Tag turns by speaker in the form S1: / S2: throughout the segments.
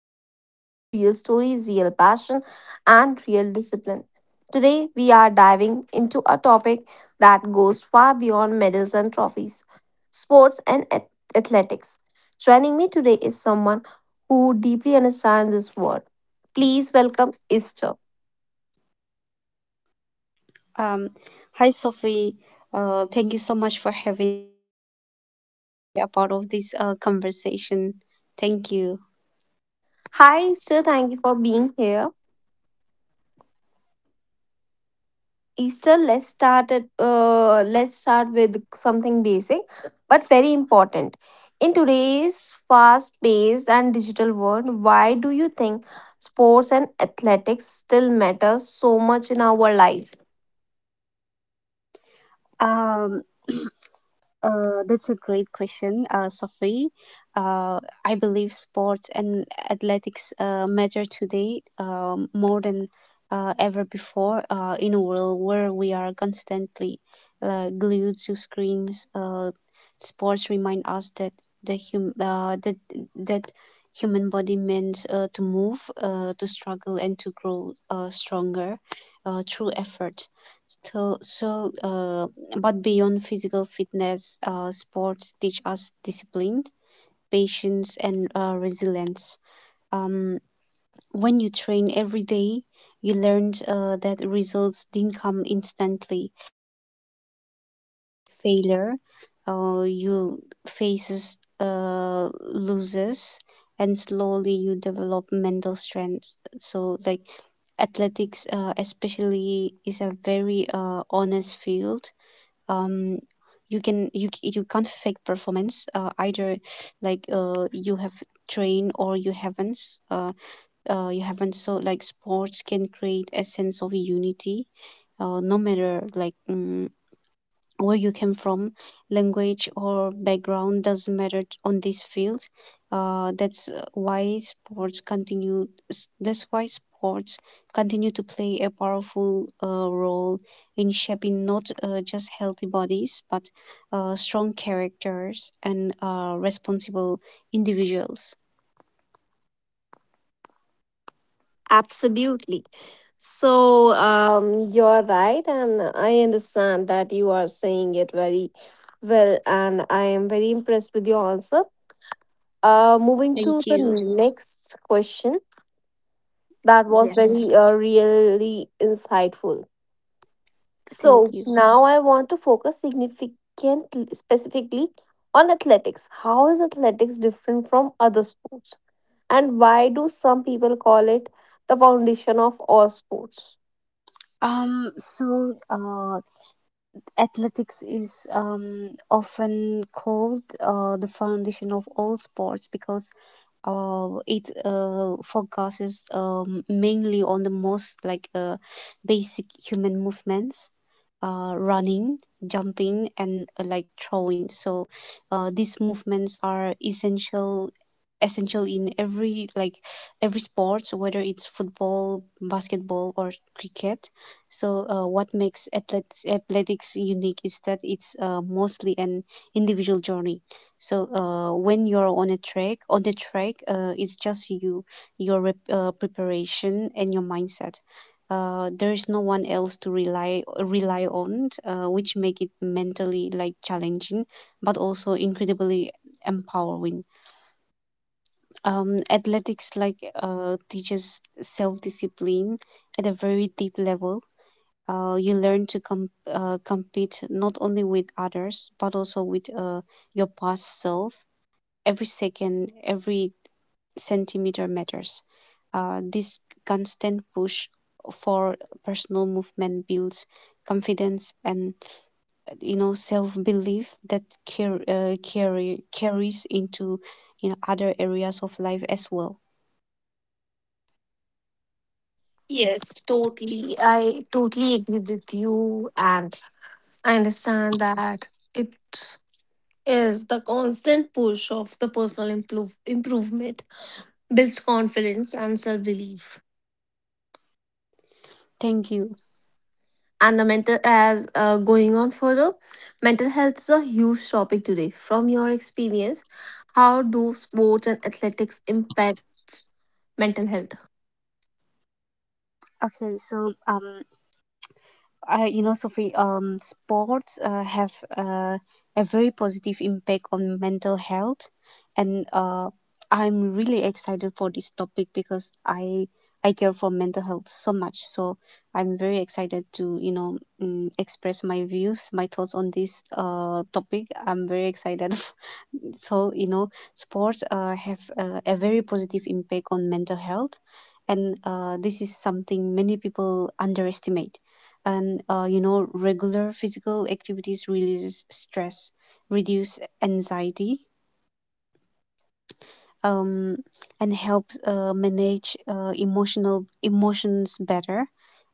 S1: we talk about real stories, real passion, and real discipline. Today, we are diving into a topic that goes far beyond medals and trophies: sports and athletics. Joining me today is someone who deeply understands this world. Please welcome Esther.
S2: Um, Hi, Sophie. Thank you so much for having a part of this conversation. Thank you.
S1: Hi, Esther. Thank you for being here. Easter, let's start with something basic but very important. In today's fast-paced and digital world, why do you think sports and athletics still matter so much in our lives?
S2: Um, that's a great question, Sophie. Uh, I believe sports and athletics matter today more than ever before in a world where we are constantly glued to screens. Sports remind us that the hum- that that human body meant to move, to struggle, and to grow stronger through effort. So, so. Uh, but beyond physical fitness, sports teach us discipline, patience, and resilience. Um, when you train every day, you learn that results didn't come instantly. Failure, you faces loses, and slowly you develop mental strength. So, like athletics, especially, is a very honest field. um you can you can't fake performance either. Like you have trained or you haven't, uh, you haven't. So like sports can create a sense of unity, no matter, like, where you came from. Language or background doesn't matter on this field. That's why that's why sports continue to play a powerful role in shaping not just healthy bodies but strong characters and responsible individuals.
S1: Absolutely. So, you're right, and I understand that you are saying it very well, and I am very impressed with your answer. Moving
S2: Thank
S1: to the
S2: you.
S1: next question. That was
S2: Yes.
S1: very, really insightful.
S2: Thank
S1: So
S2: you.
S1: now I want to focus significant specifically on athletics. How is athletics different from other sports? And why do some people call it the foundation of all sports?
S2: So, athletics is often called the foundation of all sports because it focuses mainly on the most, like basic human movements: running, jumping, and like throwing. So these movements are essential in every, like every sport, whether it's football, basketball, or cricket. So what makes athletics unique is that it's mostly an individual journey. So when you're on the track, it's just you, your preparation and your mindset. There is no one else to rely on, which make it mentally like challenging, but also incredibly empowering. Athletics like teaches self discipline at a very deep level. You learn to compete not only with others but also with your past self. Every second, every centimeter matters. This constant push for personal movement builds confidence and, you know, self-belief that car- carry carries into, you know, other areas of life as well.
S1: Yes, totally. I totally agree with you, and I understand that it is the constant push of the personal improvement builds confidence and self belief.
S2: Thank you.
S1: And the mental as Going on further, mental health is a huge topic today. From your experience, how do sports and athletics impact mental health?
S2: Okay, so I, you know, Sophie, sports have uh, a very positive impact on mental health, and I'm really excited for this topic because I care for mental health so much. So I'm very excited to, you know, express my views, my thoughts on this topic. I'm very excited so you know sports have a very positive impact on mental health, and this is something many people underestimate and you know, regular physical activities releases stress, reduce anxiety, um, and helps manage emotional emotions better.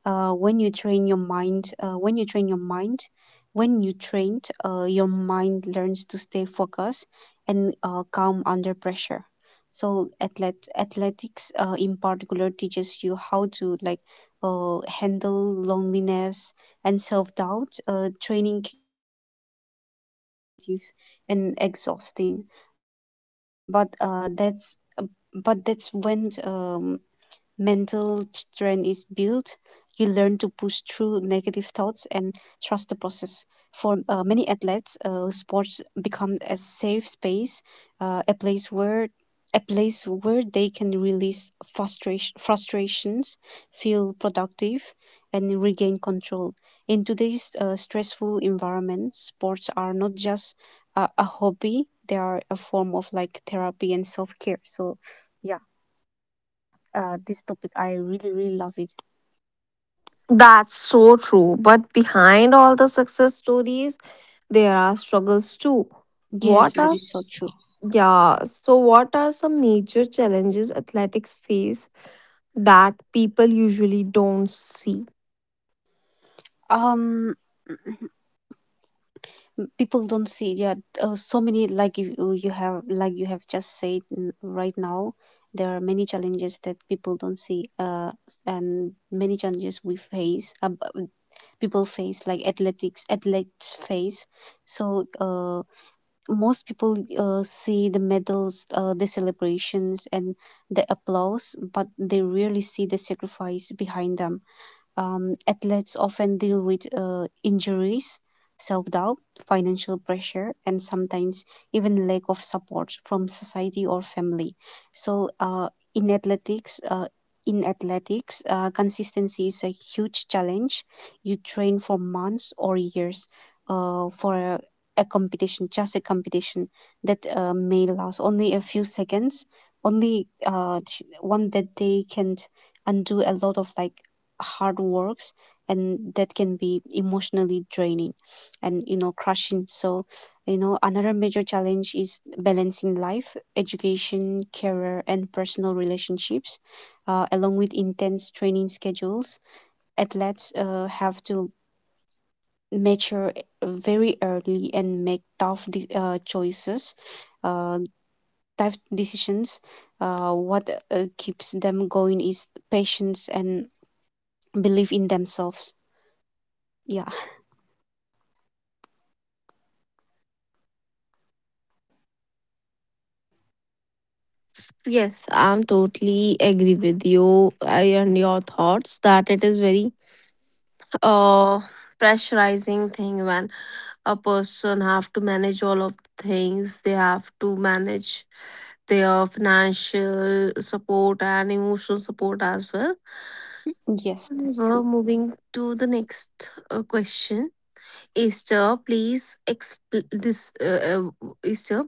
S2: When you train your mind, when you train, your mind learns to stay focused and calm under pressure. So athletics in particular teaches you how to like handle loneliness and self-doubt. Training can be repetitive and exhausting, but uh, that's but that's when mental strength is built. You learn to push through negative thoughts and trust the process. For many athletes, sports become a safe space, uh, a place where a place where they can release frustrations, feel productive, and regain control. In today's stressful environment, sports are not just a hobby; they are a form of like therapy and self care. So, yeah, this topic, I really, really love it.
S1: That's so true. But behind all the success stories, there are struggles too.
S2: Yes,
S1: What are
S2: that is so
S1: s-
S2: true.
S1: yeah, so what are some major challenges athletics face that people usually don't see?
S2: Um, People don't see. Yeah, so many, like you have like you have just said right now. There are many challenges that people don't see. And many challenges we face. People face, like athletes face. So, most people see the medals, the celebrations, and the applause, but they rarely see the sacrifice behind them. Athletes often deal with injuries, self doubt, financial pressure, and sometimes even lack of support from society or family. So, in athletics, uh, in athletics, consistency is a huge challenge. You train for months or years for a competition, just a competition that may last only a few seconds. Only one bad day can undo a lot of like hard works, and that can be emotionally draining and, you know, crushing. So, you know, another major challenge is balancing life, education, career, and personal relationships along with intense training schedules. Athletes have to mature very early and make tough choices, uh, tough decisions. What keeps them going is patience and belief in themselves. Yeah.
S1: Yes, I'm totally agree with you, and your thoughts that it is very uh pressurizing thing when a person have to manage all of things. They have to manage their financial support and emotional support as well.
S2: Yes, that's true.
S1: However, moving to the next question, Esther, please explain this. Esther,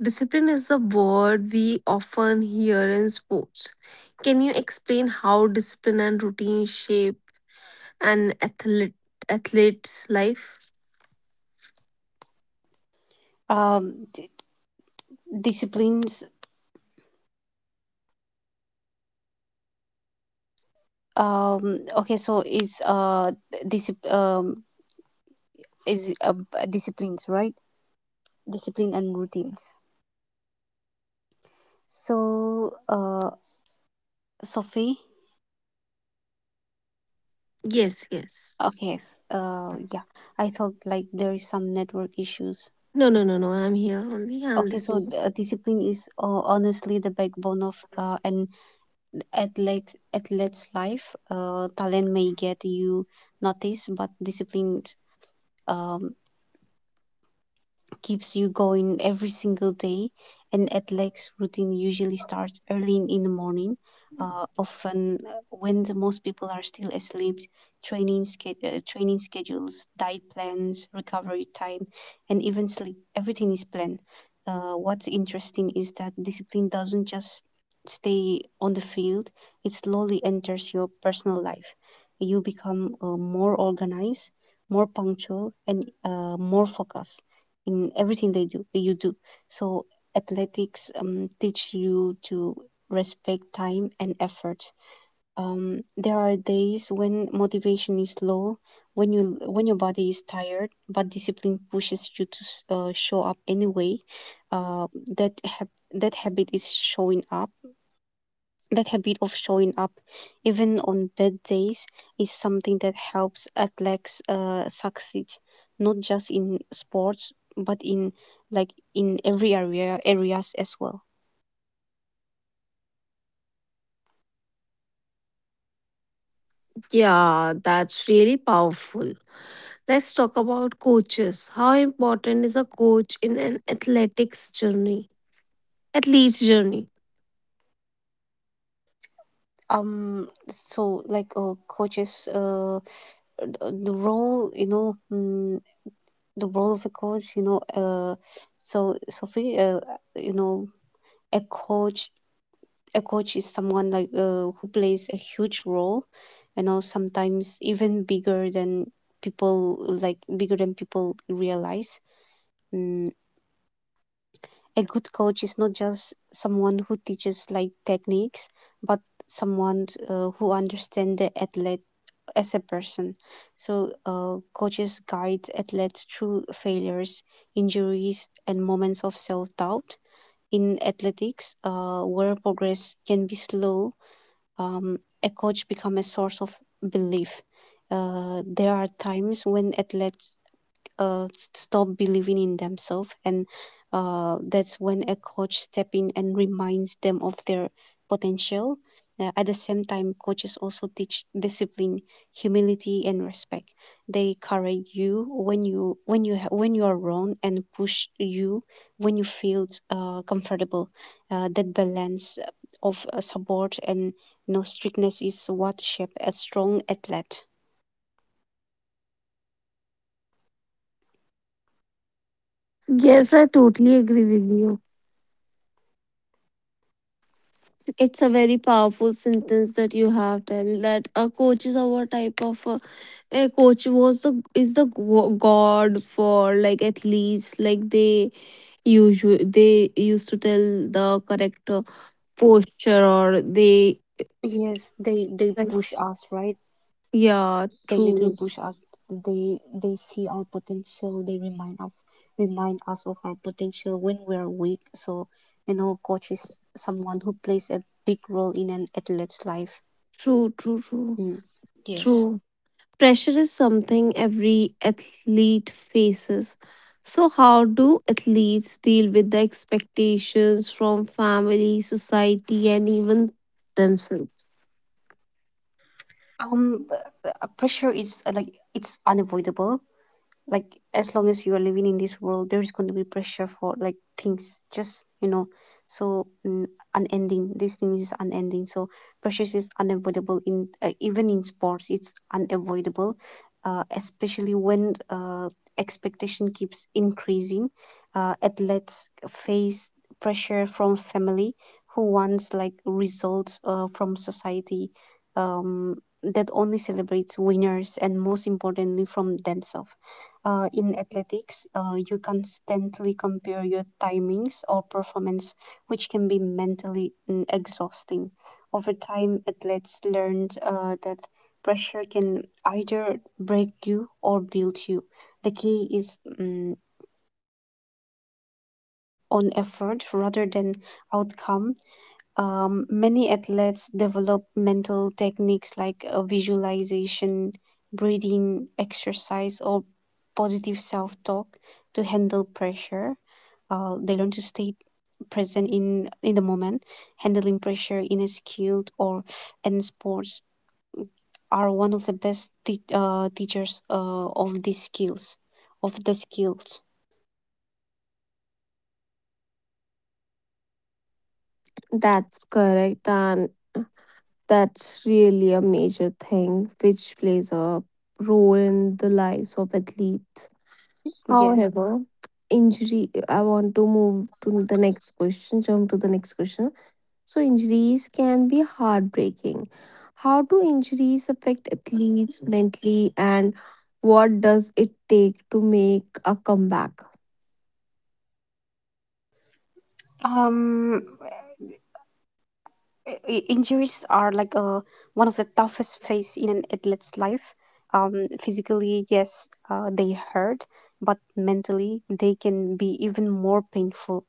S1: discipline is a word we often hear in sports. Can you explain how discipline and routine shape an athlete's life?
S2: Um, d- Disciplines. Okay, so is discipline, disciplines, right? Discipline and routines. So, Sophie.
S1: Yes, yes.
S2: Okay. Yeah. I thought like there is some network issues.
S1: No, no, no, no. I'm here only. I'm
S2: Okay, so
S1: listening.
S2: discipline is honestly the backbone of an athlete's life. Talent may get you noticed, but discipline Um, keeps you going every single day. And athletics routine usually starts early in the morning, often uh, when the most people are still asleep. Training, training schedules, diet plans, recovery time, and even sleep. Everything is planned. What's interesting is that discipline doesn't just stay on the field, it slowly enters your personal life. You become more organized, more punctual, and more focused in everything they do you do. So athletics teach you to respect time and effort. There are days when motivation is low, when your body is tired, but discipline pushes you to show up anyway. uh, that hab- that habit is showing up that habit of showing up, even on bad days, is something that helps athletes succeed, not just in sports but in like in every areas as well.
S1: Yeah, that's really powerful. Let's talk about coaches. How important is a coach in an athletics journey? Athlete's journey.
S2: So like coaches, the role you know, mm, the role of a coach, you know, so Sophie, you know, a coach a coach is someone like who plays a huge role, you know, sometimes even bigger than people like bigger than people realize. mm, a good coach is not just someone who teaches like techniques, but someone who understands the athlete as a person. So coaches guide athletes through failures, injuries, and moments of self-doubt. In athletics, where progress can be slow, a coach become a source of belief. There are times when athletes stop believing in themselves, and that's when a coach step in and reminds them of their potential. At the same time, coaches also teach discipline, humility, and respect. They correct you when when you are wrong, and push you when you feel comfortable. That balance of support and no strictness is what shape a strong athlete.
S1: Yes, I totally agree with you. It's a very powerful sentence that you have tell that a coach is our type of a coach was the is the god for, like, athletes. Like, they usually they used to tell the correct posture, or they...
S2: Yes,
S1: It's
S2: they
S1: like,
S2: push us, right?
S1: yeah.
S2: They little
S1: True,
S2: push us. They see our potential. They remind us of our potential when we are weak. So, you know, coach is someone who plays a big role in an athlete's life.
S1: true, true, true,
S2: Mm. Yes.
S1: true. Pressure is something every athlete faces. So, how do athletes deal with the expectations from family, society, and even themselves?
S2: Um, b- Pressure is like it's unavoidable. Like, as long as you are living in this world, there is going to be pressure for, like, things, just, you know. So unending, this thing is unending. So pressures is unavoidable in, even in sports it's unavoidable, especially when expectation keeps increasing. Athletes face pressure from family who wants like results, from society um, that only celebrates winners, and most importantly from themselves. In athletics, you constantly compare your timings or performance, which can be mentally exhausting. Over time, athletes learned that pressure can either break you or build you. The key is on effort rather than outcome. Many athletes develop mental techniques like visualization, breathing exercise, or positive self talk to handle pressure. They learn to stay present in the moment. Handling pressure in a skilled or in sports are one of the best teachers of the skills.
S1: That's correct. And that's really a major thing which plays a role in the lives of athletes. However,
S2: Yes.
S1: I want to move to the next question, jump to the next question. So injuries can be heartbreaking. How do injuries affect athletes mentally, and what does it take to make a comeback?
S2: Um, Injuries are like one of the toughest phase in an athlete's life. Physically, yes, they hurt, but mentally, they can be even more painful,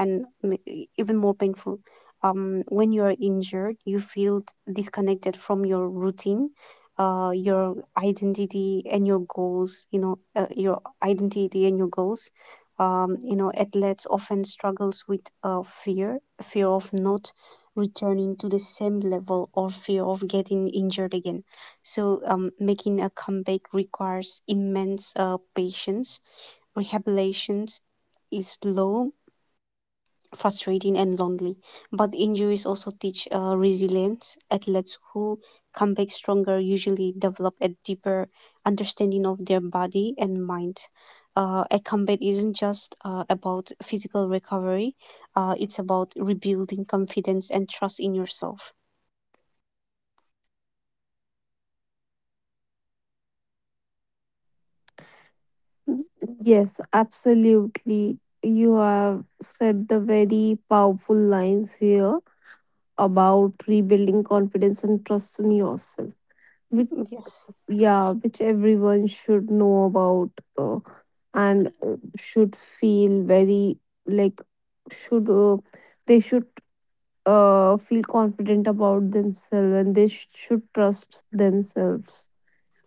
S2: and m- even more painful. When you are injured, you feel disconnected from your routine, your identity and your goals. You know, your identity and your goals you know athletes often struggles with fear of not returning to the same level or fear of getting injured again, so making a comeback requires immense patience. Rehabilitation is slow, frustrating and lonely. But injuries also teach resilience. Athletes who come back stronger usually develop a deeper understanding of their body and mind. A comeback isn't just about physical recovery, it's about rebuilding confidence and trust in yourself.
S1: Yes, absolutely. You have said the very powerful lines here about rebuilding confidence and trust in yourself. Which,
S2: Yes.
S1: yeah, which everyone should know about, uh, and should feel very, like, should, they should, feel confident about themselves, and they should trust themselves,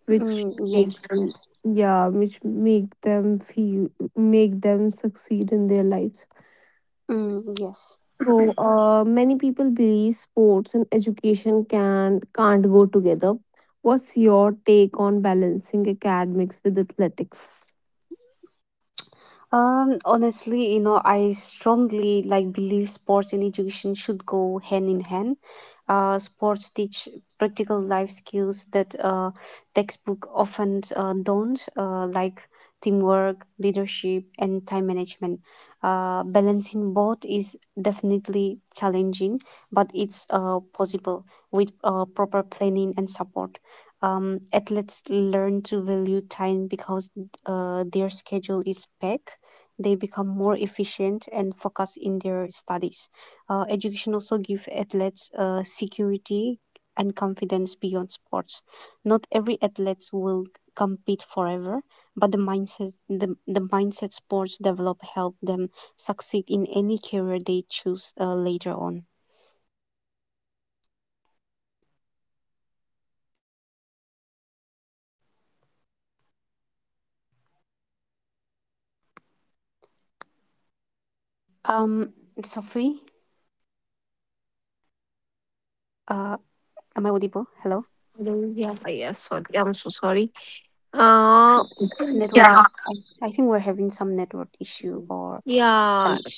S1: which
S2: Mm, yes,
S1: make them,
S2: yes.
S1: yeah, which make them feel make them succeed in their lives.
S2: Mm, yes.
S1: So, many people believe sports and education can't go together. What's your take on balancing academics with athletics?
S2: Honestly, I strongly like believe sports and education should go hand in hand. Sports teach practical life skills that textbook often don't, like teamwork, leadership, and time management. Balancing both is definitely challenging, but it's possible with proper planning and support. Athletes learn to value time because their schedule is packed. They become more efficient and focus in their studies. Education also gives athletes security and confidence beyond sports. Not every athlete will compete forever, but the mindset the mindset sports develop help them succeed in any career they choose later on. Um, Sophie, uh, am I audible? Hello,
S1: Hello, yeah. Yes, sorry, I'm so sorry,
S2: network.
S1: uh
S2: I think
S1: yeah.
S2: we're having some network issue or connections.
S1: Yeah,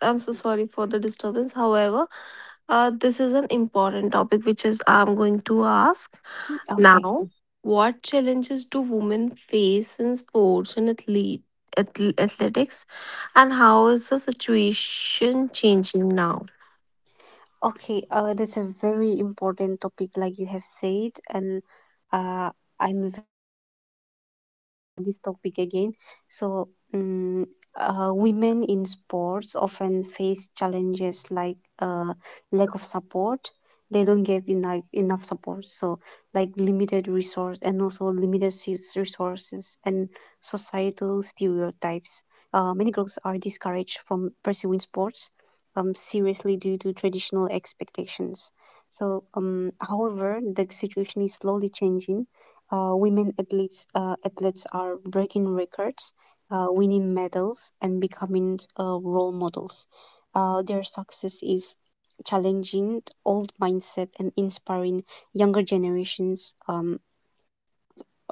S1: I'm so sorry for the disturbance. However, this is an important topic, which is I'm going to ask
S2: Okay.
S1: now. What challenges do women face in sports and athletics, and how is the situation changing now?
S2: Okay, that's a very important topic, like you have said, and uh, I'm very interested in this topic again. So, women in sports often face challenges like lack of support. They don't get enough support, so like limited resource and also limited s- resources and societal stereotypes. Many girls are discouraged from pursuing sports seriously due to traditional expectations. However, the situation is slowly changing. Women athletes are breaking records, winning medals, and becoming role models. Their success is challenging the old mindset and inspiring younger generations,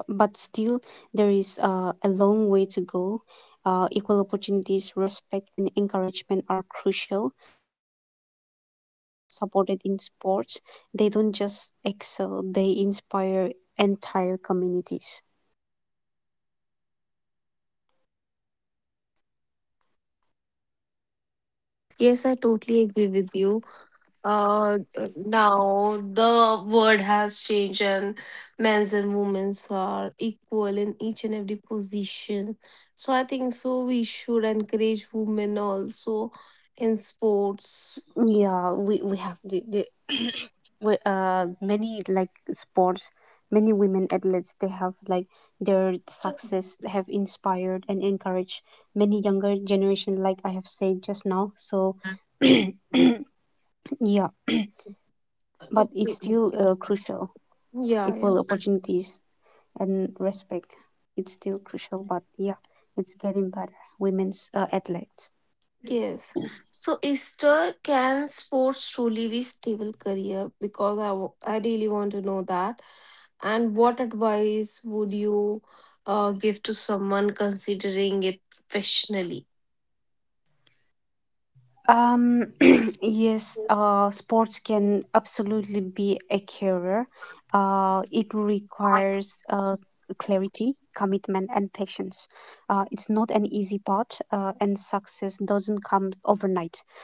S2: but still there is a long way to go. Equal opportunities, respect, and encouragement are crucial. Supported in sports, they don't just excel; they inspire entire communities.
S1: Yes, I totally agree with you. Uh, Now the world has changed, and men's and women's are equal in each and every position. So I think so. We should encourage women also in sports.
S2: Yeah, we have the we, many like sports, many women athletes. They have like their success have inspired and encouraged many younger generation. Like I have said just now, so yeah, but it's
S1: Okay.
S2: still crucial.
S1: Yeah, yeah.
S2: Equal opportunities and respect. It's still crucial, but yeah, it's getting better. Women's athletes.
S1: Yes. So Easter, can sports truly be stable career, because I really want to know that. And what advice would you give to someone considering it professionally?
S2: Um, yes, sports can absolutely be a career. It requires clarity, commitment, and patience. It's not an easy path, and success doesn't come overnight.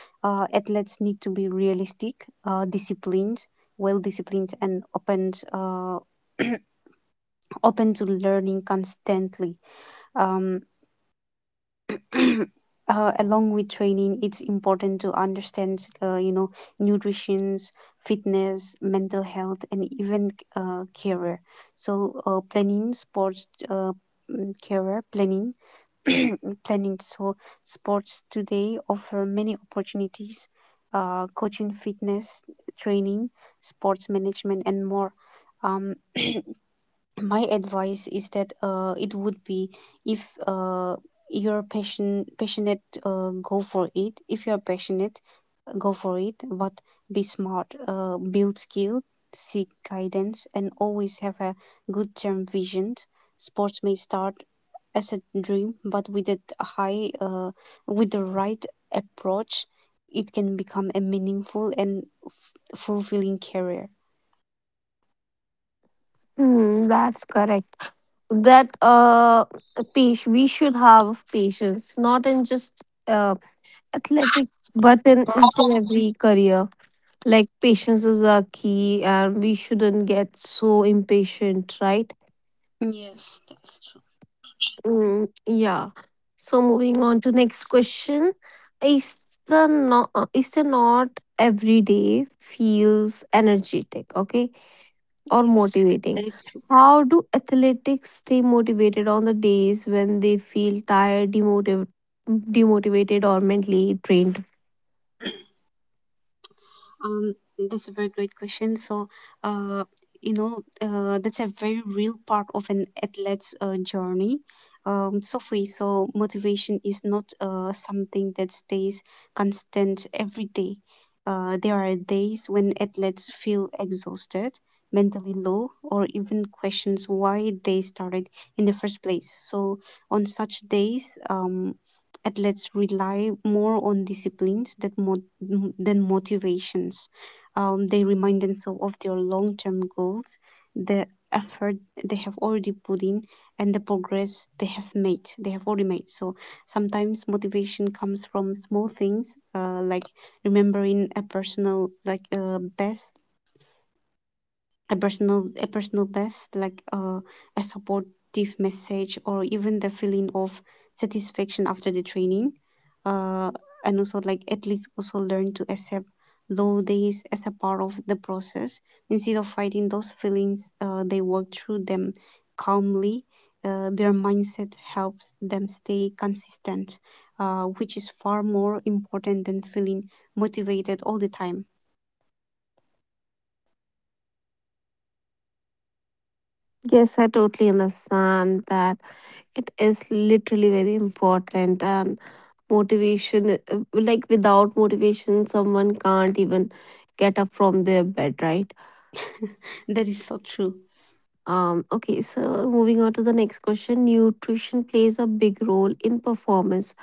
S2: Athletes need to be realistic, disciplined, well disciplined, and open, open to learning constantly. Um, along with training, it's important to understand nutrition, fitness, mental health and even career, so planning sports career planning planning. So sports today offer many opportunities, coaching, fitness, training, sports management and more. um, my advice is that it would be, if uh, you're passionate, go for it. If you're passionate, go for it, but be smart, build skill, seek guidance and always have a good term vision. Sports may start as a dream, but with a high with the right approach, it can become a meaningful and f- fulfilling career.
S1: Hmm, that's correct. That, page, we should have patience, not in just athletics, but in each and every career. Like, patience is a key and we shouldn't get so impatient, right?
S2: Yes, that's true.
S1: Mm, yeah. So moving on to next question. Is is the not every day feels energetic, okay? Or
S2: Yes,
S1: motivating.
S2: that is true.
S1: How do athletics stay motivated on the days when they feel tired, demotivated, or mentally drained?
S2: Um, that's a very great question. So, uh, that's a very real part of an athlete's journey. Sophie, so motivation is not something that stays constant every day. There are days when athletes feel exhausted, mentally low, or even questions why they started in the first place. So, on such days, athletes rely more on disciplines that than motivations. They remind themselves of their long term goals, the effort they have already put in, and the progress they have made. They have already made. So sometimes motivation comes from small things, like remembering a personal like best a personal best, like a supportive message or even the feeling of satisfaction after the training, uh, and also like athletes also learn to accept low days as a part of the process. Instead of fighting those feelings, they work through them calmly. Their mindset helps them stay consistent, which is far more important than feeling motivated all the time.
S1: Yes, I totally understand that it is literally very important, and motivation, like, without motivation someone can't even get up from their bed, right?
S2: That is so true.
S1: Okay, so moving on to the next question. Nutrition plays a big role in performance.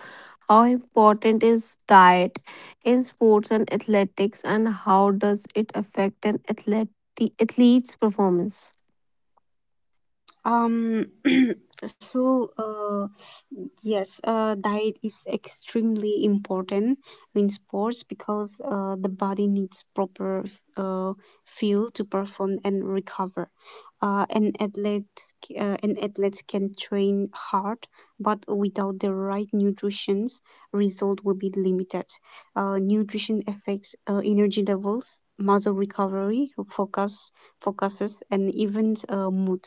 S1: How important is diet in sports and athletics, and how does it affect an athlete's performance?
S2: Um, so yes, diet is extremely important in sports because the body needs proper uh, fuel to perform and recover. Uh, an athlete, an athlete can train hard, but without the right nutrition, result will be limited. Nutrition affects energy levels, muscle recovery, focus, focuses, and even mood,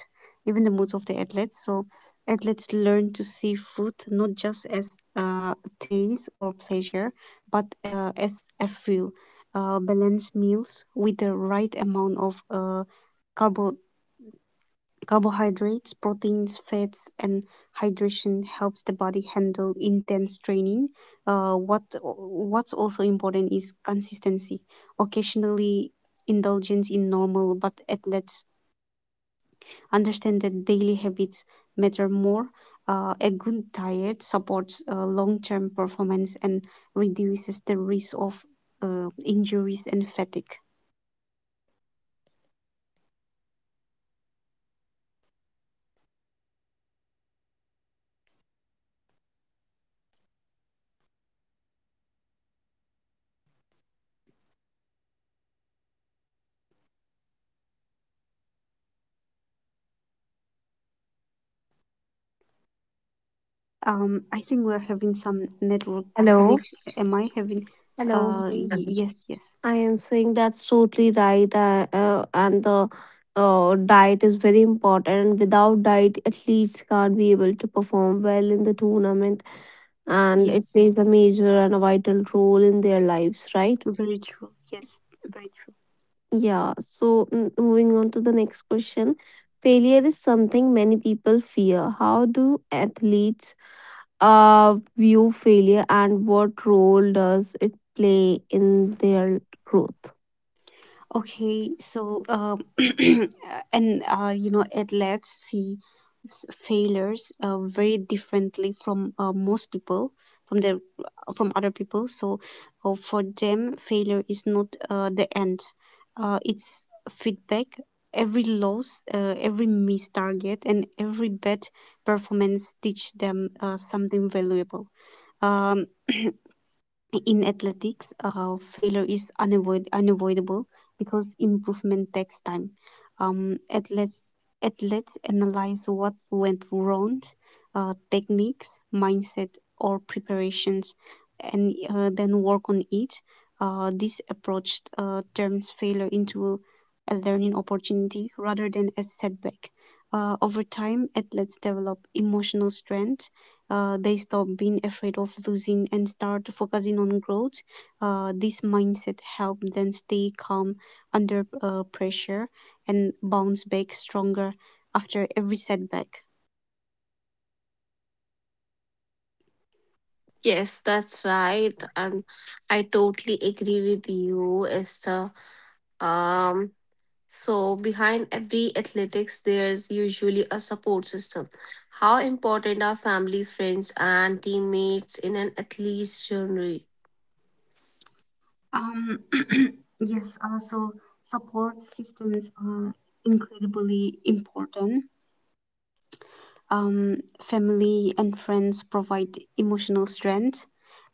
S2: even the moods of the athletes. So athletes learn to see food not just as taste or pleasure, but as a fuel. Balanced meals with the right amount of carbo- carbohydrates, proteins, fats, and hydration helps the body handle intense training. What's also important is consistency. Occasionally, indulgence in normal, but athletes understand that daily habits matter more. A good diet supports long term performance and reduces the risk of injuries and fatigue. I think we're having some network
S1: Hello.
S2: connection. Am I having?
S1: Hello.
S2: Yes, yes,
S1: I am saying that's totally right, and the diet is very important. And without diet, athletes can't be able to perform well in the tournament, and it
S2: yes.
S1: plays a major and a vital role in their lives, right?
S2: Very true. Yes, very true.
S1: Yeah. So, moving on to the next question, failure is something many people fear. How do athletes view failure, and what role does it play in their growth?
S2: Okay, so and athletes see failures very differently from most people, from their from other people. So, for them, failure is not the end. It's feedback. Every loss, every missed target, and every bad performance teach them something valuable. Um. In athletics, failure is unavoidable because improvement takes time. Um, athletes, athletes analyze what went wrong, techniques, mindset, or preparations, and then work on it. This approach turns failure into a learning opportunity rather than a setback. Over time, athletes develop emotional strength, they stop being afraid of losing and start focusing on growth. This mindset helps them stay calm under pressure and bounce back stronger after every setback.
S1: Yes, that's right. And I totally agree with you, Esther. Um, so behind every athletics, there's usually a support system. How important are family, friends, and teammates in an athlete's journey?
S2: Um, yes, also support systems are incredibly important. Family and friends provide emotional strength,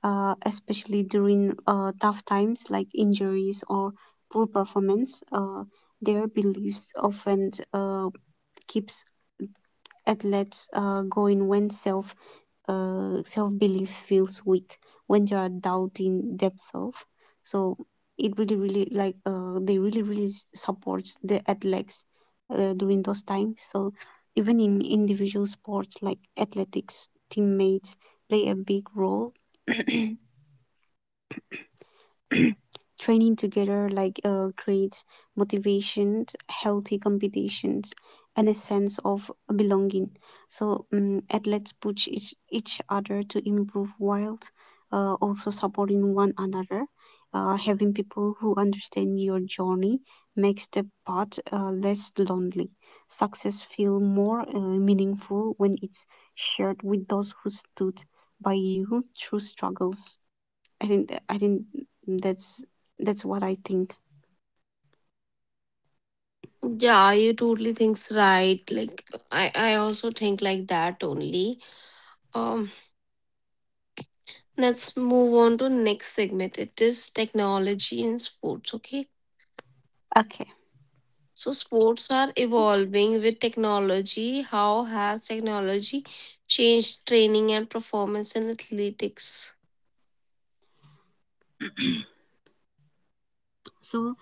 S2: especially during tough times like injuries or poor performance. Their beliefs often keeps athletes go in when self self belief feels weak, when there are doubt in themselves. So it really, really like they really, really s- supports the athletes during those times. So even in individual sports like athletics, teammates play a big role. Training together like creates motivation, healthy competitions, and a sense of belonging. So athletes push each other to improve while also supporting one another. Having people who understand your journey makes the path less lonely. Success feel more meaningful when it's shared with those who stood by you through struggles. I think that's that's what I think.
S1: Yeah, you totally thinks right. Like, I also think like that only. Um, let's move on to next segment. It is technology in sports. Okay.
S2: Okay.
S1: So sports are evolving with technology. How has technology changed training and performance in athletics?
S2: So,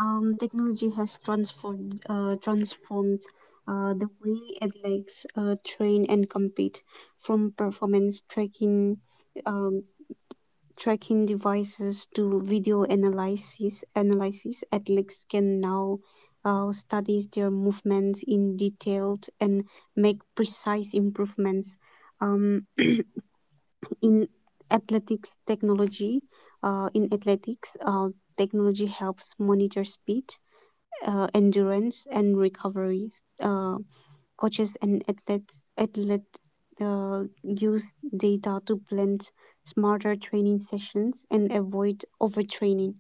S2: technology has transformed the way athletes train and compete, from performance tracking um, tracking devices to video analysis. Athletes can now study their movements in detail and make precise improvements. Um, in athletics technology in athletics, technology helps monitor speed, endurance and recovery. Uh, coaches and athletes athlete use data to blend smarter training sessions and avoid overtraining.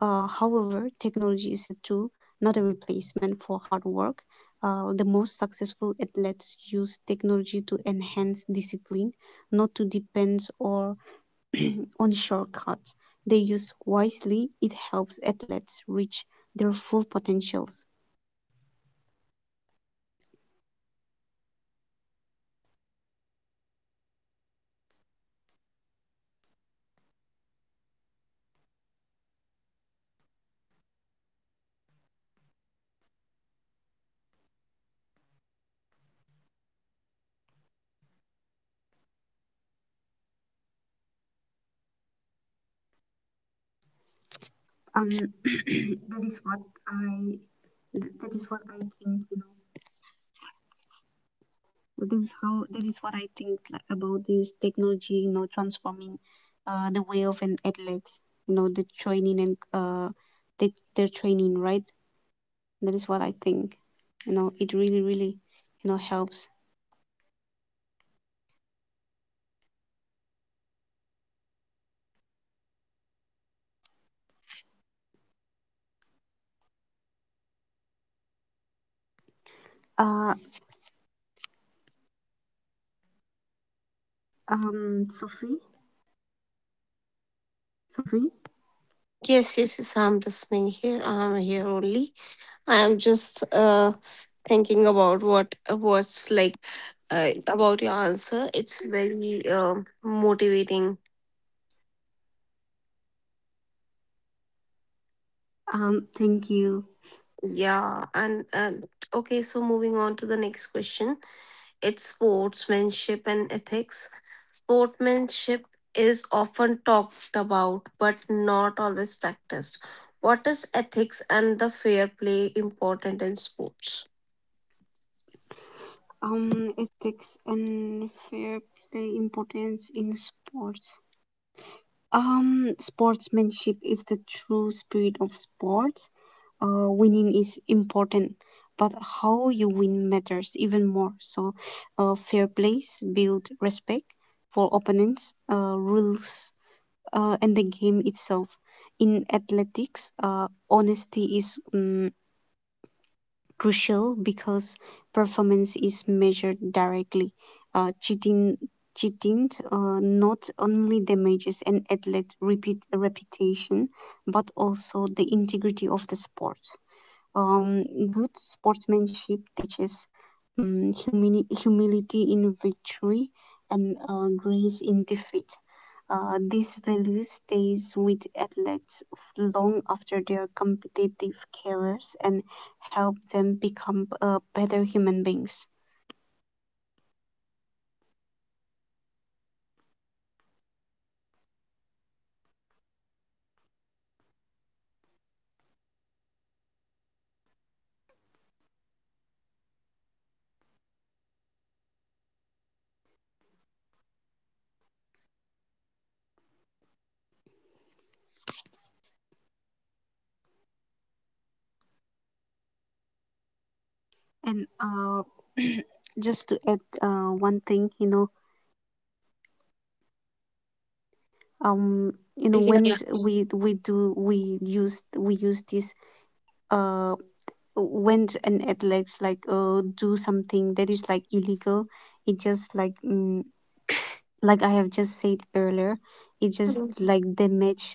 S2: However, technology is a tool, not a replacement for hard work. The most successful athletes use technology to enhance discipline, not to depend or on shortcuts. They use wisely, it helps athletes reach their full potentials. Um, that is what I that is what I think, you know. This is how that is what I think like, about this technology, you know, transforming the way of an athlete, you know, the training and their training, right? That is what I think. You know, it really, really, you know, helps. Uh, Sophie, Sophie,
S1: Yes, yes, yes. I'm listening here. I'm here only. I'm just thinking about what's like, about your answer. It's very motivating.
S2: thank you.
S1: Yeah, and okay. So moving on to the next question. It's sportsmanship and ethics. Sportsmanship is often talked about but not always practiced. What is ethics and the fair play important in sports?
S2: Ethics and fair play importance in sports. Sportsmanship is the true spirit of sports. Winning is important, but how you win matters even more. So fair plays build respect for opponents, rules, and the game itself. In athletics, honesty is crucial because performance is measured directly. Uh, cheating, cheating not only damages an athlete' repeat reputation, but also the integrity of the sport. Um, good sportsmanship teaches humility in victory and grace in defeat. This value stays with athletes f- long after their competitive careers and help them become better human beings. And just to add one thing, when
S1: Yeah.
S2: we use this uh when an athletes like do something that is like illegal, it just like like I have just said earlier, it just
S1: Mm.
S2: like damage.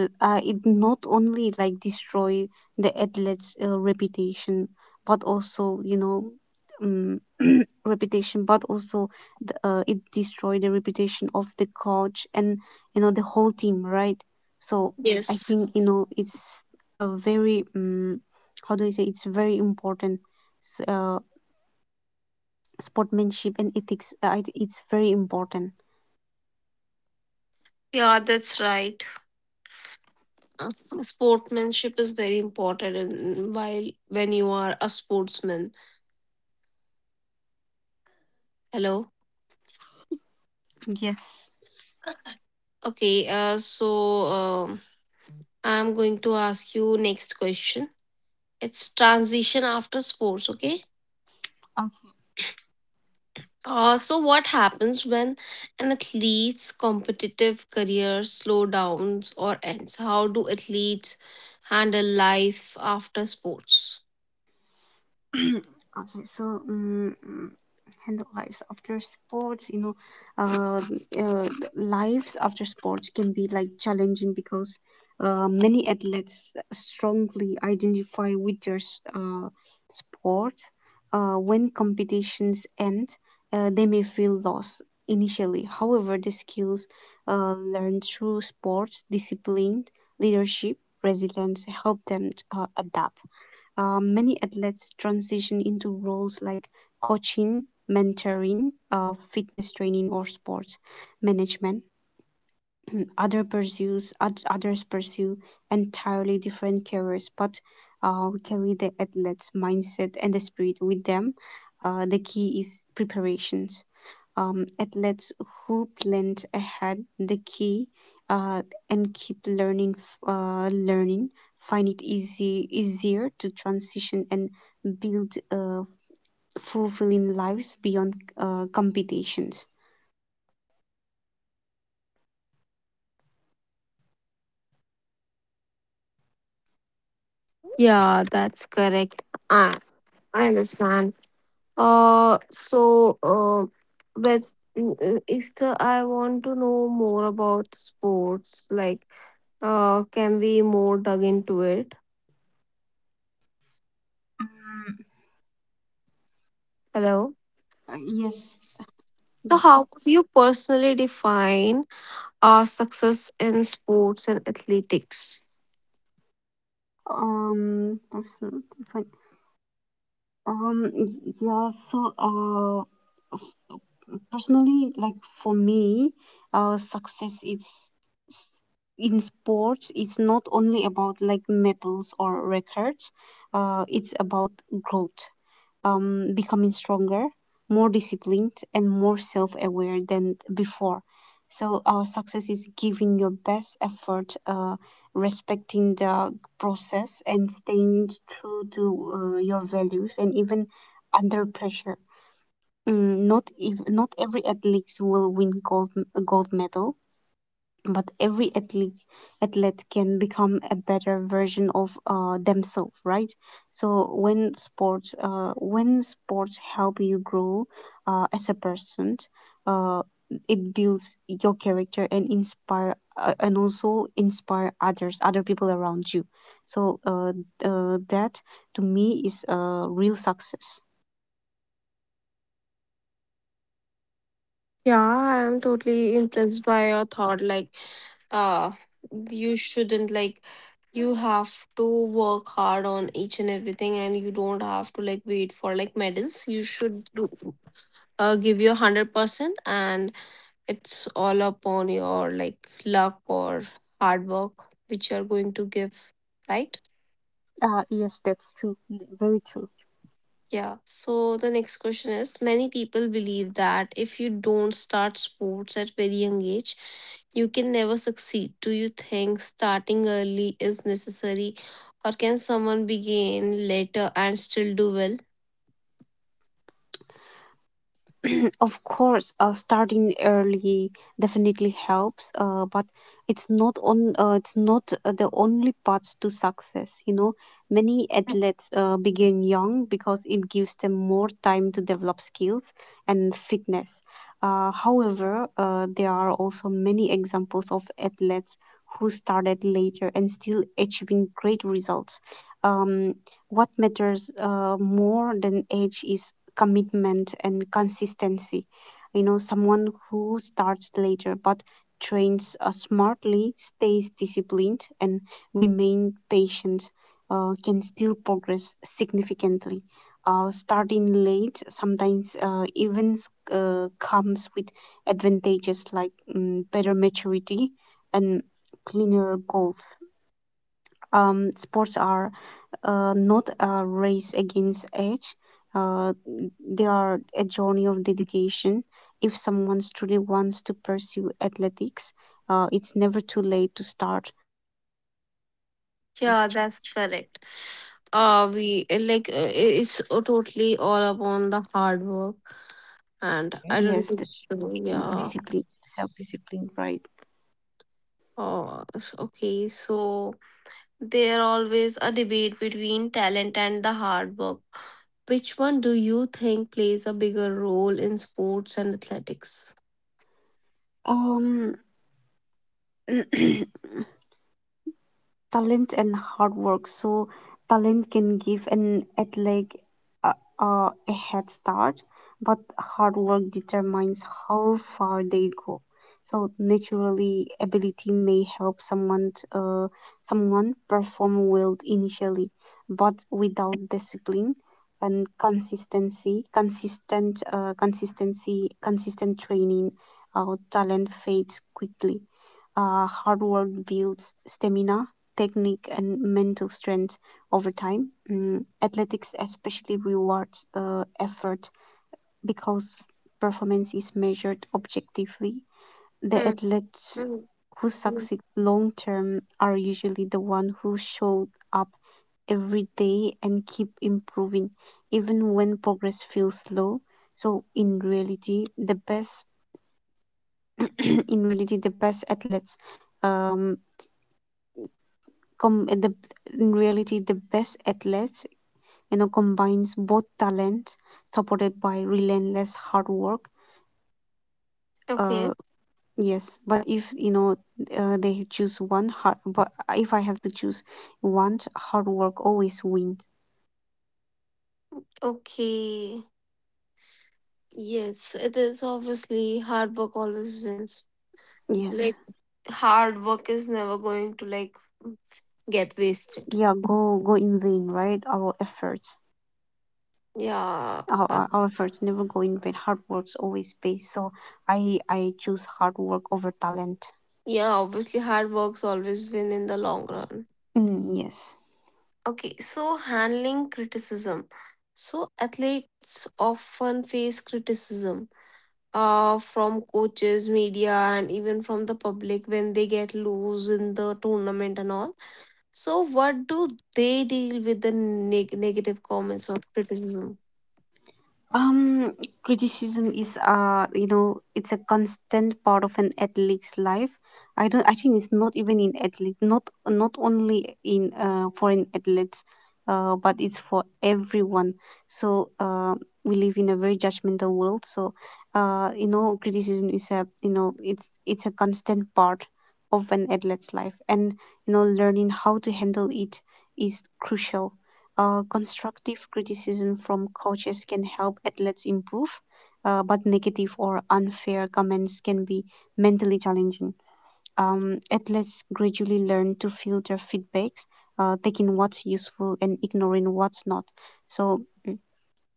S2: It not only like destroy the athlete's reputation, but also um, reputation, but also the, it destroy the reputation of the coach and you know the whole team, right? So I
S1: Yes.
S2: think you know it's a very how do I say? It's very important. s- Uh, Sportsmanship and ethics. It's very important.
S1: Yeah, that's right. Uh, Sportsmanship is very important while when you are a sportsman. Hello.
S2: Yes.
S1: Okay. So, I'm going to ask you next question. It's transition after sports. Okay. So what happens when an athlete's competitive career slow downs or ends? How do athletes handle life after sports?
S2: Okay, so um, Handle lives after sports, uh, uh, lives after sports can be like challenging because many athletes strongly identify with their sport. When competitions end, they may feel lost initially. However, the skills learned through sports, discipline, leadership, resilience help them adapt. Many athletes transition into roles like coaching, mentoring, fitness training, or sports management. Others pursue entirely different careers, but we carry the athlete's mindset and the spirit with them. The key is preparations. Athletes who plan ahead the key uh, and keep learning learning find it easy easier to transition and build fulfilling lives beyond competitions.
S1: Yeah, that's correct. I, I understand. So, with Easter, I want to know more about sports. Like, can we more dug into it?
S2: Mm.
S1: Hello.
S2: Yes,
S1: So, how
S2: yes.
S1: would you personally define success in sports and athletics?
S2: Personality, fine. Yeah, f- personally, like, for me, success is s- in sports, it's not only about like medals or records, it's about growth. Becoming stronger, more disciplined, and more self aware than before. So, our success is giving your best effort, respecting the process, and staying true to your values, and even under pressure. Mm, not every athlete will win gold medal, but every athlete can become a better version of themselves, right? So when sports help you grow as a person, uh, it builds your character and inspire and also inspire other people around you. so uh, that to me is a real success.
S1: Yeah, I'm totally impressed by your thought. Like, uh, you shouldn't like you have to work hard on each and everything, and you don't have to like wait for like medals. You should do, give your 100%, and it's all upon your, like, luck or hard work which you are going to give, right?
S2: Yes, that's true, very true.
S1: Yeah. So the next question is many people believe that if you don't start sports at very young age, you can never succeed. Do you think starting early is necessary or can someone begin later and still do well?
S2: Of course, starting early definitely helps, but it's not the only path to success. You know, many athletes begin young because it gives them more time to develop skills and fitness. However, there are also many examples of athletes who started later and still achieving great results. Um, what matters more than age is commitment and consistency. You know, someone who starts later but trains smartly, stays disciplined, and remain patient can still progress significantly. Starting late sometimes even comes with advantages like better maturity and cleaner goals. Sports are not a race against age. Uh, they are a journey of dedication. If someone truly wants to pursue athletics, it's never too late to start.
S1: Yeah, that's correct. We, like, it's totally all upon the
S2: Okay.
S1: hard
S2: Yes,
S1: work,
S2: that's, yeah,
S1: and
S2: discipline,
S1: I don't think so,
S2: self-discipline, right?
S1: yeah. Oh, okay. So there always a debate between talent and the hard work. Which one do you think plays a bigger role in sports and athletics?
S2: Um, Talent and hard work. So talent can give an athlete a, a head start, but hard work determines how far they go. So naturally, ability may help someone perform well initially, but without discipline and consistent training, talent fades quickly. Hard work builds stamina, technique, and mental strength over time. Mm, athletics especially rewards effort because performance is measured objectively. The
S1: Mm,
S2: athletes
S1: mm,
S2: who
S1: mm.
S2: succeed long term are usually the one who show up every day and keep improving even when progress feels slow. So in reality the best in reality the best athletes um com- the in reality, the best athletes, you know, combines both talents supported by relentless hard work.
S1: Okay.
S2: uh yes, but if you know, they choose one hard but if I have to choose one, hard work always wins.
S1: Okay. Yes, it is obviously hard work always wins. Like,
S2: Yes.
S1: hard work is never going to, like, get wasted.
S2: Yeah, go in vain, right? Our efforts,
S1: Yeah, uh,
S2: our efforts never go in vain. Hard works always pay. So I choose hard work over talent.
S1: yeah. Obviously, hard works always win in the long run.
S2: Mm, yes.
S1: Okay, so handling criticism. So athletes often face criticism, from coaches, media, and even from the public when they get loose in the tournament and all. So, what do they deal with the negative comments or criticism?
S2: Um, Criticism is, you know, it's a constant part of an athlete's life. I don't. I think it's not even in athlete, not only in foreign athletes, but it's for everyone. So uh, we live in a very judgmental world. You know, criticism is, a you know, it's a constant part of an athlete's life, and you know, learning how to handle it is crucial. Constructive criticism from coaches can help athletes improve, but negative or unfair comments can be mentally challenging. Athletes gradually learn to filter feedbacks, taking what's useful and ignoring what's not. So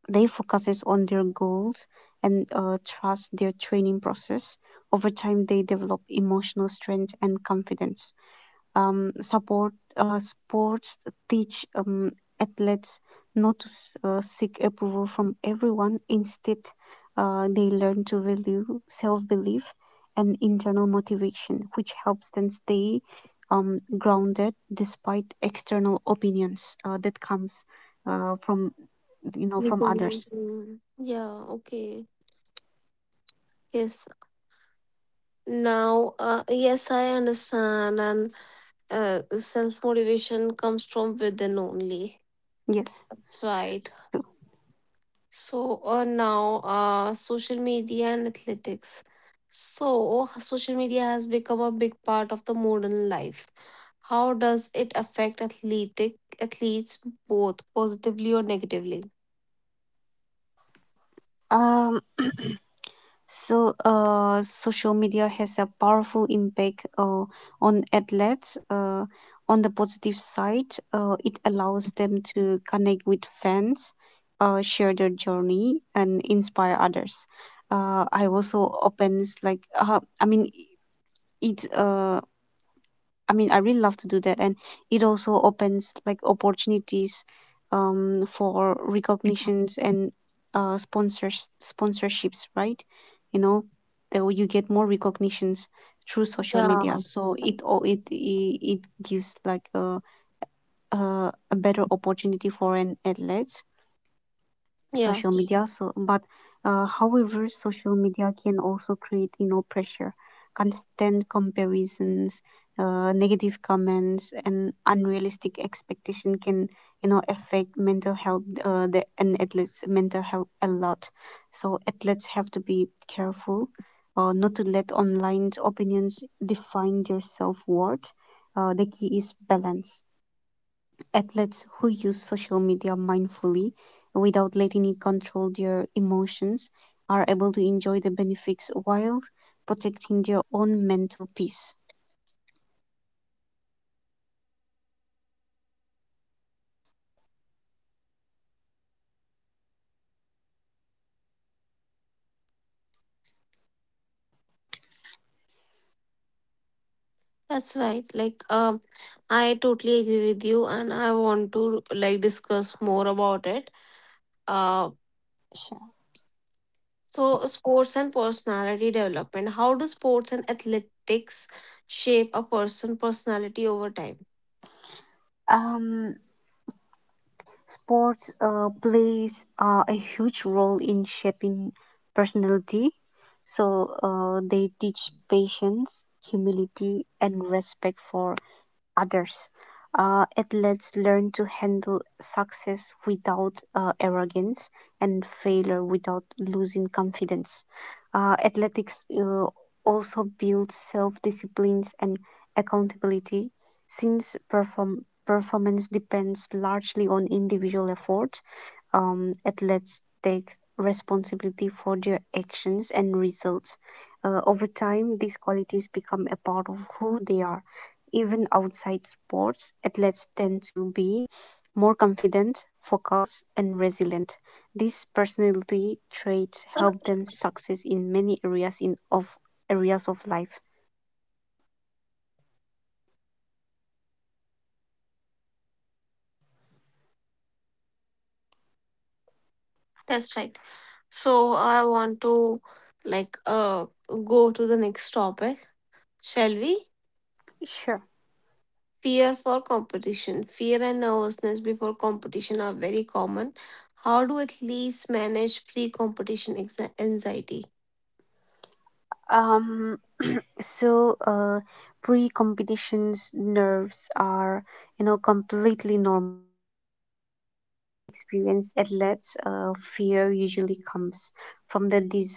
S2: they focuses on their goals and trust their training process. Over time, they develop emotional strength and confidence. Support Sports teach athletes not to seek approval from everyone. Instead, they learn to value self-belief and internal motivation, which helps them stay grounded despite external opinions that comes from, you know, from others.
S1: Mhm. Yeah, okay. Yes. Now, yes, I understand, and self motivation comes from within only.
S2: Yes.
S1: That's right. So, now, social media and athletics. So, social media has become a big part of the modern life. How does it affect athletic athletes both positively or negatively?
S2: Um, Social media has a powerful impact on athletes. On the positive side, it allows them to connect with fans, share their journey, and inspire others. I also opens like I mean it I mean, I really love to do that, and it also opens like opportunities for recognitions and sponsorships, right? You know, that way you get more recognitions through social media,
S1: Yeah.
S2: so it all it, it it gives like a better opportunity for an athlete,
S1: Yeah,
S2: social media. So but However, social media can also create, you know, pressure, constant comparisons, negative comments and unrealistic expectation can, you know, affect mental health and athletes mental health a lot. So athletes have to be careful not to let online opinions define their self-worth. The key is balance. Athletes who use social media mindfully without letting it control their emotions are able to enjoy the benefits while protecting their own mental peace.
S1: that's right. Like, I totally agree with you, and I want to like discuss more about it. Uh,
S2: Sure.
S1: so sports and personality development. How do sports and athletics shape a person' personality over time?
S2: Um, Sports plays a huge role in shaping personality. So they teach patience, humility, and respect for others. Athletes learn to handle success without arrogance and failure without losing confidence. Athletics also builds self disciplines and accountability since performance depends largely on individual effort. Athletes take responsibility for their actions and results. Over time, these qualities become a part of who they are. Even outside sports, athletes tend to be more confident, focused, and resilient. These personality traits help them success in many areas of life.
S1: That's right. So I want to, like, go to the next topic. Shall we?
S2: Sure.
S1: Fear for competition. Fear and nervousness before competition are very common. How do athletes manage pre-competition anxiety?
S2: Um, So, uh, Pre-competitions nerves are, you know, completely normal experience. Athletes, fear usually comes from the desires to perform well.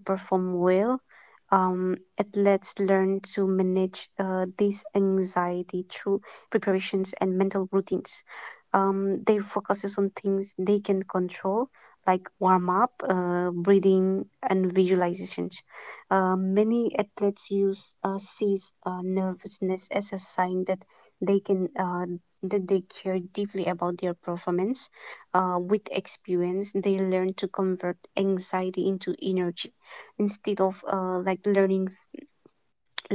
S2: Athletes learn to manage this anxiety through preparations and mental routines. They focuses on things they can control, like warm up, breathing, and visualizations. Many athletes use sees nervousness as a sign that they can that they care deeply about their performance. With experience, they learn to convert anxiety into energy instead of like learning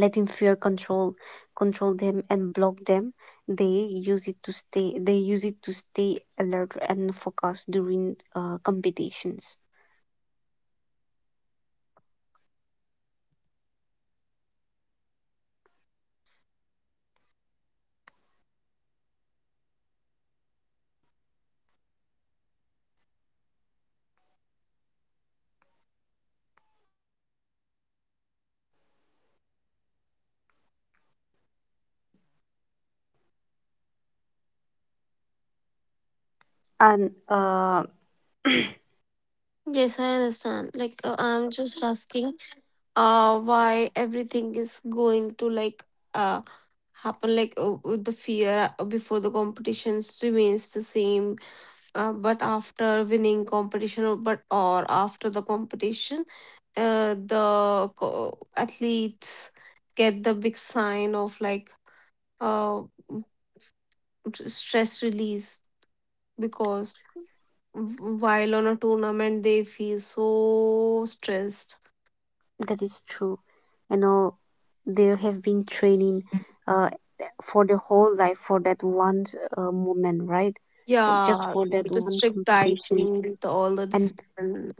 S2: letting fear control them and block them. They use it to stay they use it to stay alert and focused during competitions. And
S1: Yes, I understand. I'm just asking why everything is going to uh happen like the fear before the competitions remains the same, but after winning competition or but or after the competition, the athletes get the big sign of like uh, stress release because while on a tournament they feel so stressed.
S2: That is true. You know, they have been training uh, for the whole life for that one moment, right? For just
S1: Yeah,
S2: for that
S1: the
S2: one
S1: strict
S2: competition.
S1: dieting, the all the
S2: And
S1: discipline.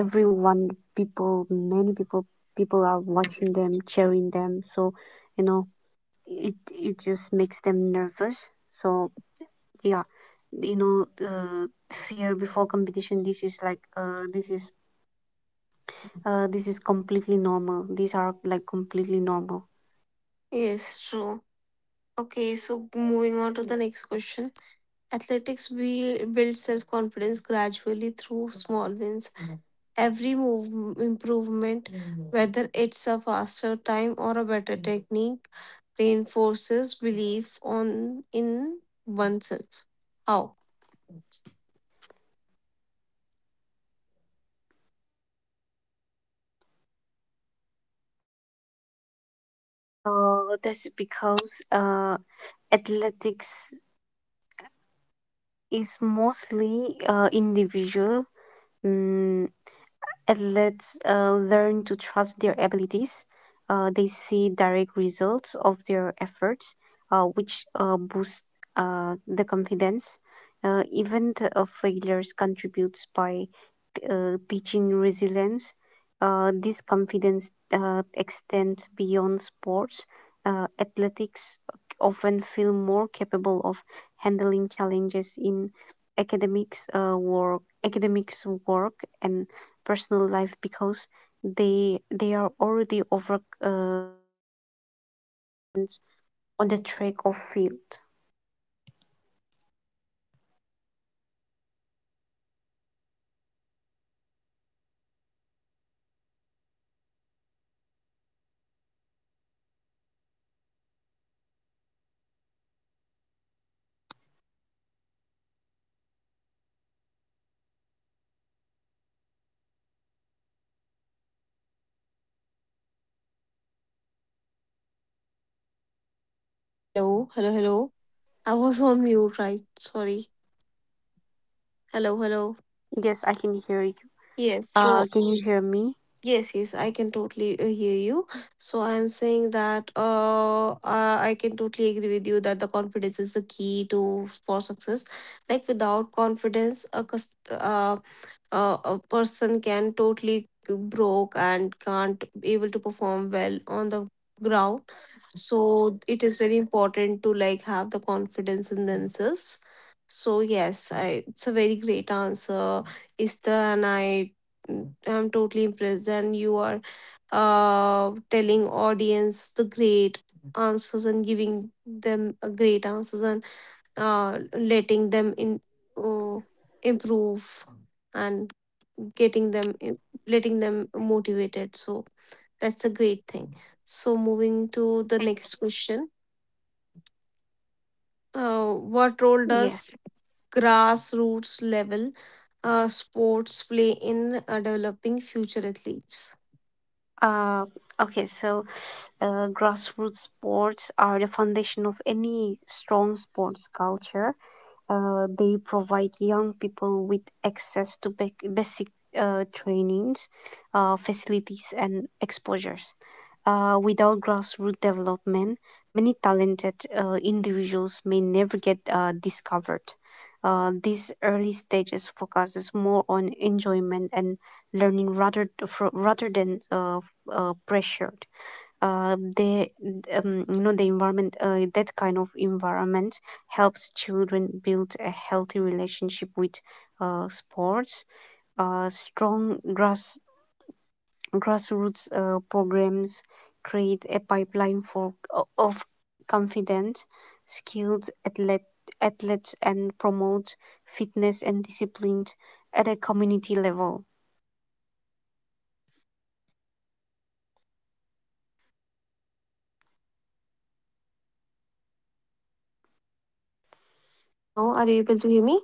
S2: everyone, people, people are watching them, cheering them, so you know, it just makes them nervous. So yeah, you know, fear before competition. This is like, this is completely normal. These are like completely normal.
S1: Yes, true. Okay, so moving on to the next question. Athletics builds self confidence gradually through small wins. Every move improvement, whether it's a faster time or a better technique, reinforces belief on in oneself. How?
S2: That's because athletics is mostly individual. Mm. Athletes learn to trust their abilities. They see direct results of their efforts, which boost the confidence. Even the, failures contributes by teaching resilience. This confidence extends beyond sports. Athletics often feel more capable of handling challenges in academics work, and personal life because they are already over on the track of field.
S1: Hello, hello, hello. I was on mute, right? Sorry. Hello, hello.
S2: Yes, I can hear you.
S1: Yes. So
S2: Can you hear me?
S1: yes, yes, I can totally hear you. So I am saying that I can totally agree with you that the confidence is the key to for success. Like without confidence, a a person can totally broke and can't able to perform well on the ground. So it is very important to like have the confidence in themselves. So yes, it's a very great answer, Esther, and I, I'm totally impressed and you are telling audience the great answers and giving them a great answers and letting them in, oh, improve and getting them letting them motivated. So that's a great thing. So moving to the next question,
S2: Yes.
S1: what role does grassroots level sports play in developing future athletes?
S2: Uh, okay, so Grassroots sports are the foundation of any strong sports culture. They provide young people with access to basic trainings, facilities, and exposures. Without grassroots development, many talented individuals may never get discovered. These early stages focuses more on enjoyment and learning rather than pressure. The You know, the environment, that kind of environment helps children build a healthy relationship with sports. Strong grassroots programs create a pipeline of confident, skilled athlete, athletes, and promote fitness and discipline at a community level.
S1: Hello, are you able to hear me?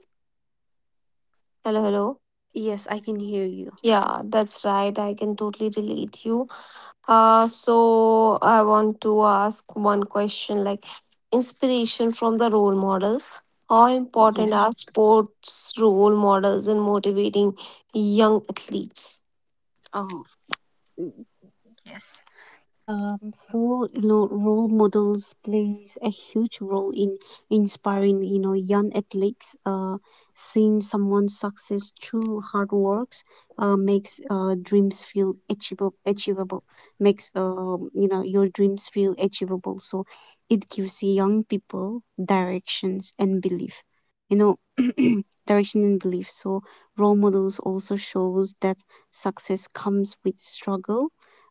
S1: Hello, hello.
S2: Yes, I can hear you.
S1: Yeah, that's right, I can totally relate you. So I want to ask one question, like inspiration from the role models. How
S2: Yes.
S1: important are sports role models in motivating young athletes?
S2: Oh. Mm, yes. Role models plays a huge role in inspiring, you know, young athletes. Seeing someone's success through hard works makes dreams feel achievable. Achievable makes You know, your dreams feel achievable. So it gives young people directions and belief. Direction and belief. So role models also shows that success comes with struggle.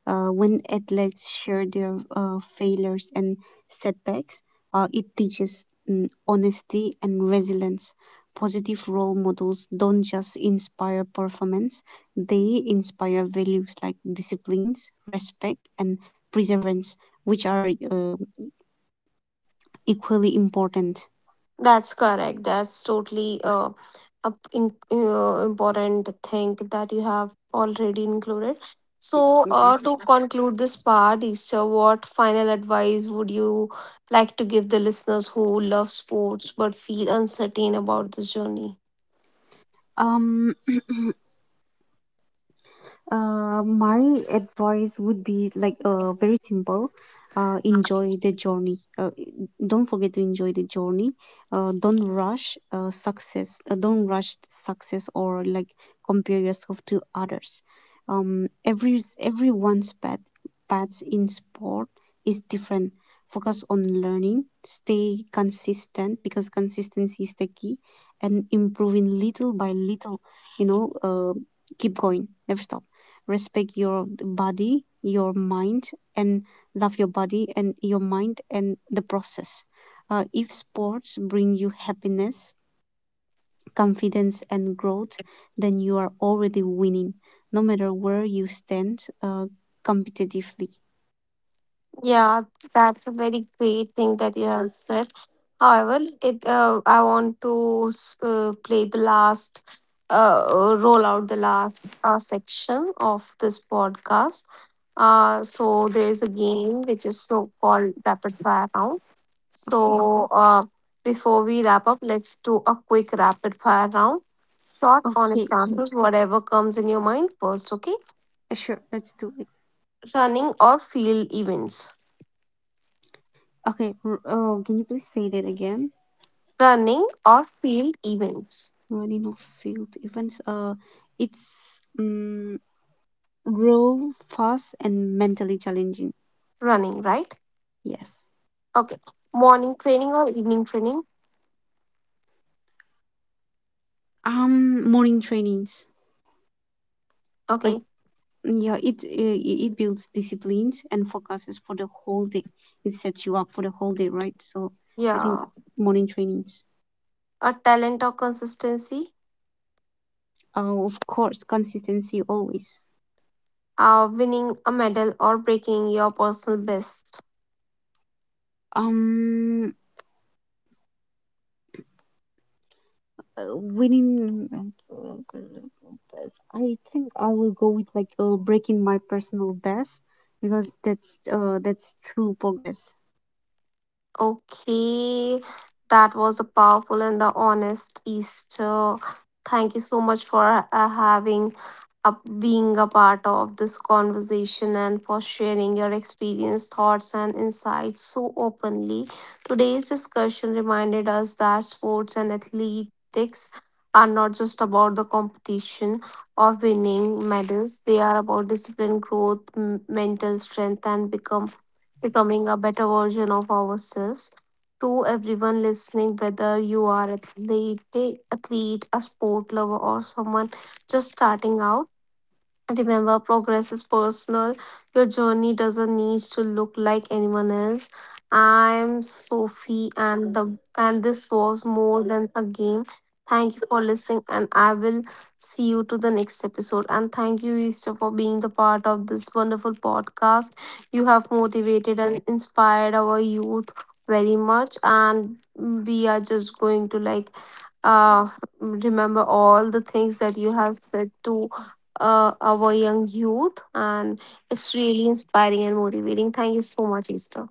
S2: When athletes share their failures and setbacks, it teaches mm, honesty and resilience. Positive role models don't just inspire performance, they inspire values like disciplines, respect, and perseverance, which are equally important.
S1: That's correct. That's totally a important thing that you have already included. So,
S2: Mhm.
S1: to conclude this part, Easter, what final advice would you like to give the listeners who love sports but feel uncertain about this journey?
S2: Um, my advice would be like very simple. Enjoy the journey. Don't forget to enjoy the journey. Don't rush success or like compare yourself to others. Everyone's paths in sport is different. Focus on learning. Stay consistent because consistency is the key, and improving little by little. You know, keep going. Never stop. Respect your body, your mind, and love your body and your mind and the process. If sports bring you happiness, confidence, and growth, then you are already winning, no matter where you stand competitively.
S1: Yeah, that's a very great thing that you have said. However, it I want to play the last, roll out the last section of this podcast. So there is a game which is so called rapid fire round. So
S2: Okay.
S1: uh, Before we wrap up, let's do a quick rapid fire round. Short, honest
S2: Okay.
S1: answers, whatever comes in your mind first. Okay,
S2: Sure. Let's do it.
S1: running or field events.
S2: Okay. Can you please say that again?
S1: Running or field events.
S2: Running off field events. It's raw, fast, and mentally challenging.
S1: Running, right?
S2: Yes.
S1: Okay. Morning training or evening training?
S2: Morning trainings. Like,
S1: Okay.
S2: yeah, it builds disciplines and focuses for the whole day. It sets you up for the whole day, right? So I think
S1: Yeah.
S2: morning trainings.
S1: A talent or consistency?
S2: Of course, consistency always.
S1: Winning a medal or breaking your personal best?
S2: Um, winning. I think I will go with like breaking my personal best because that's true progress.
S1: Okay, that was a powerful and the honest Easter. Thank you so much for having up being a part of this conversation and for sharing your experience, thoughts, and insights so openly. Today's discussion reminded us that sports and athletics are not just about the competition of winning medals; they are about discipline, growth, mental strength, and become becoming a better version of ourselves. To everyone listening, whether you are athlete, a sport lover, or someone just starting out, remember, progress is personal. Your journey doesn't need to look like anyone else. I'm Sophie, and the and this was more than a game. Thank you for listening, and I will see you to the next episode. And thank you, Easter, for being the part of this wonderful podcast. You have motivated and inspired our youth very much, and we are just going to like uh remember all the things that you have said to our young youth. And it's really inspiring and motivating. Thank you so much, Easter.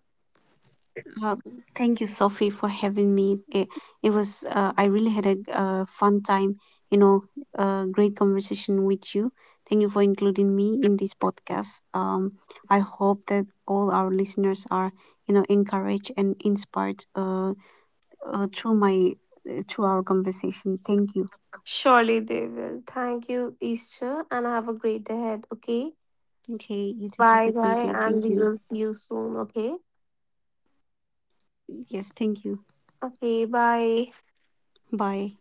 S2: Well, thank you, Sophie, for having me. It was, I really had a fun time, you know, great conversation with you. Thank you for including me in this podcast. I hope that all our listeners are, you know, encouraged and inspired uh, through my, through our conversation. Thank you.
S1: Surely they will. Thank you, Easter, and have a great day ahead. Okay.
S2: Okay, you do have
S1: Bye
S2: a great
S1: bye,
S2: day.
S1: and
S2: Thank
S1: we
S2: you.
S1: will see you soon. Okay.
S2: Yes, thank you.
S1: Okay. Bye.
S2: Bye.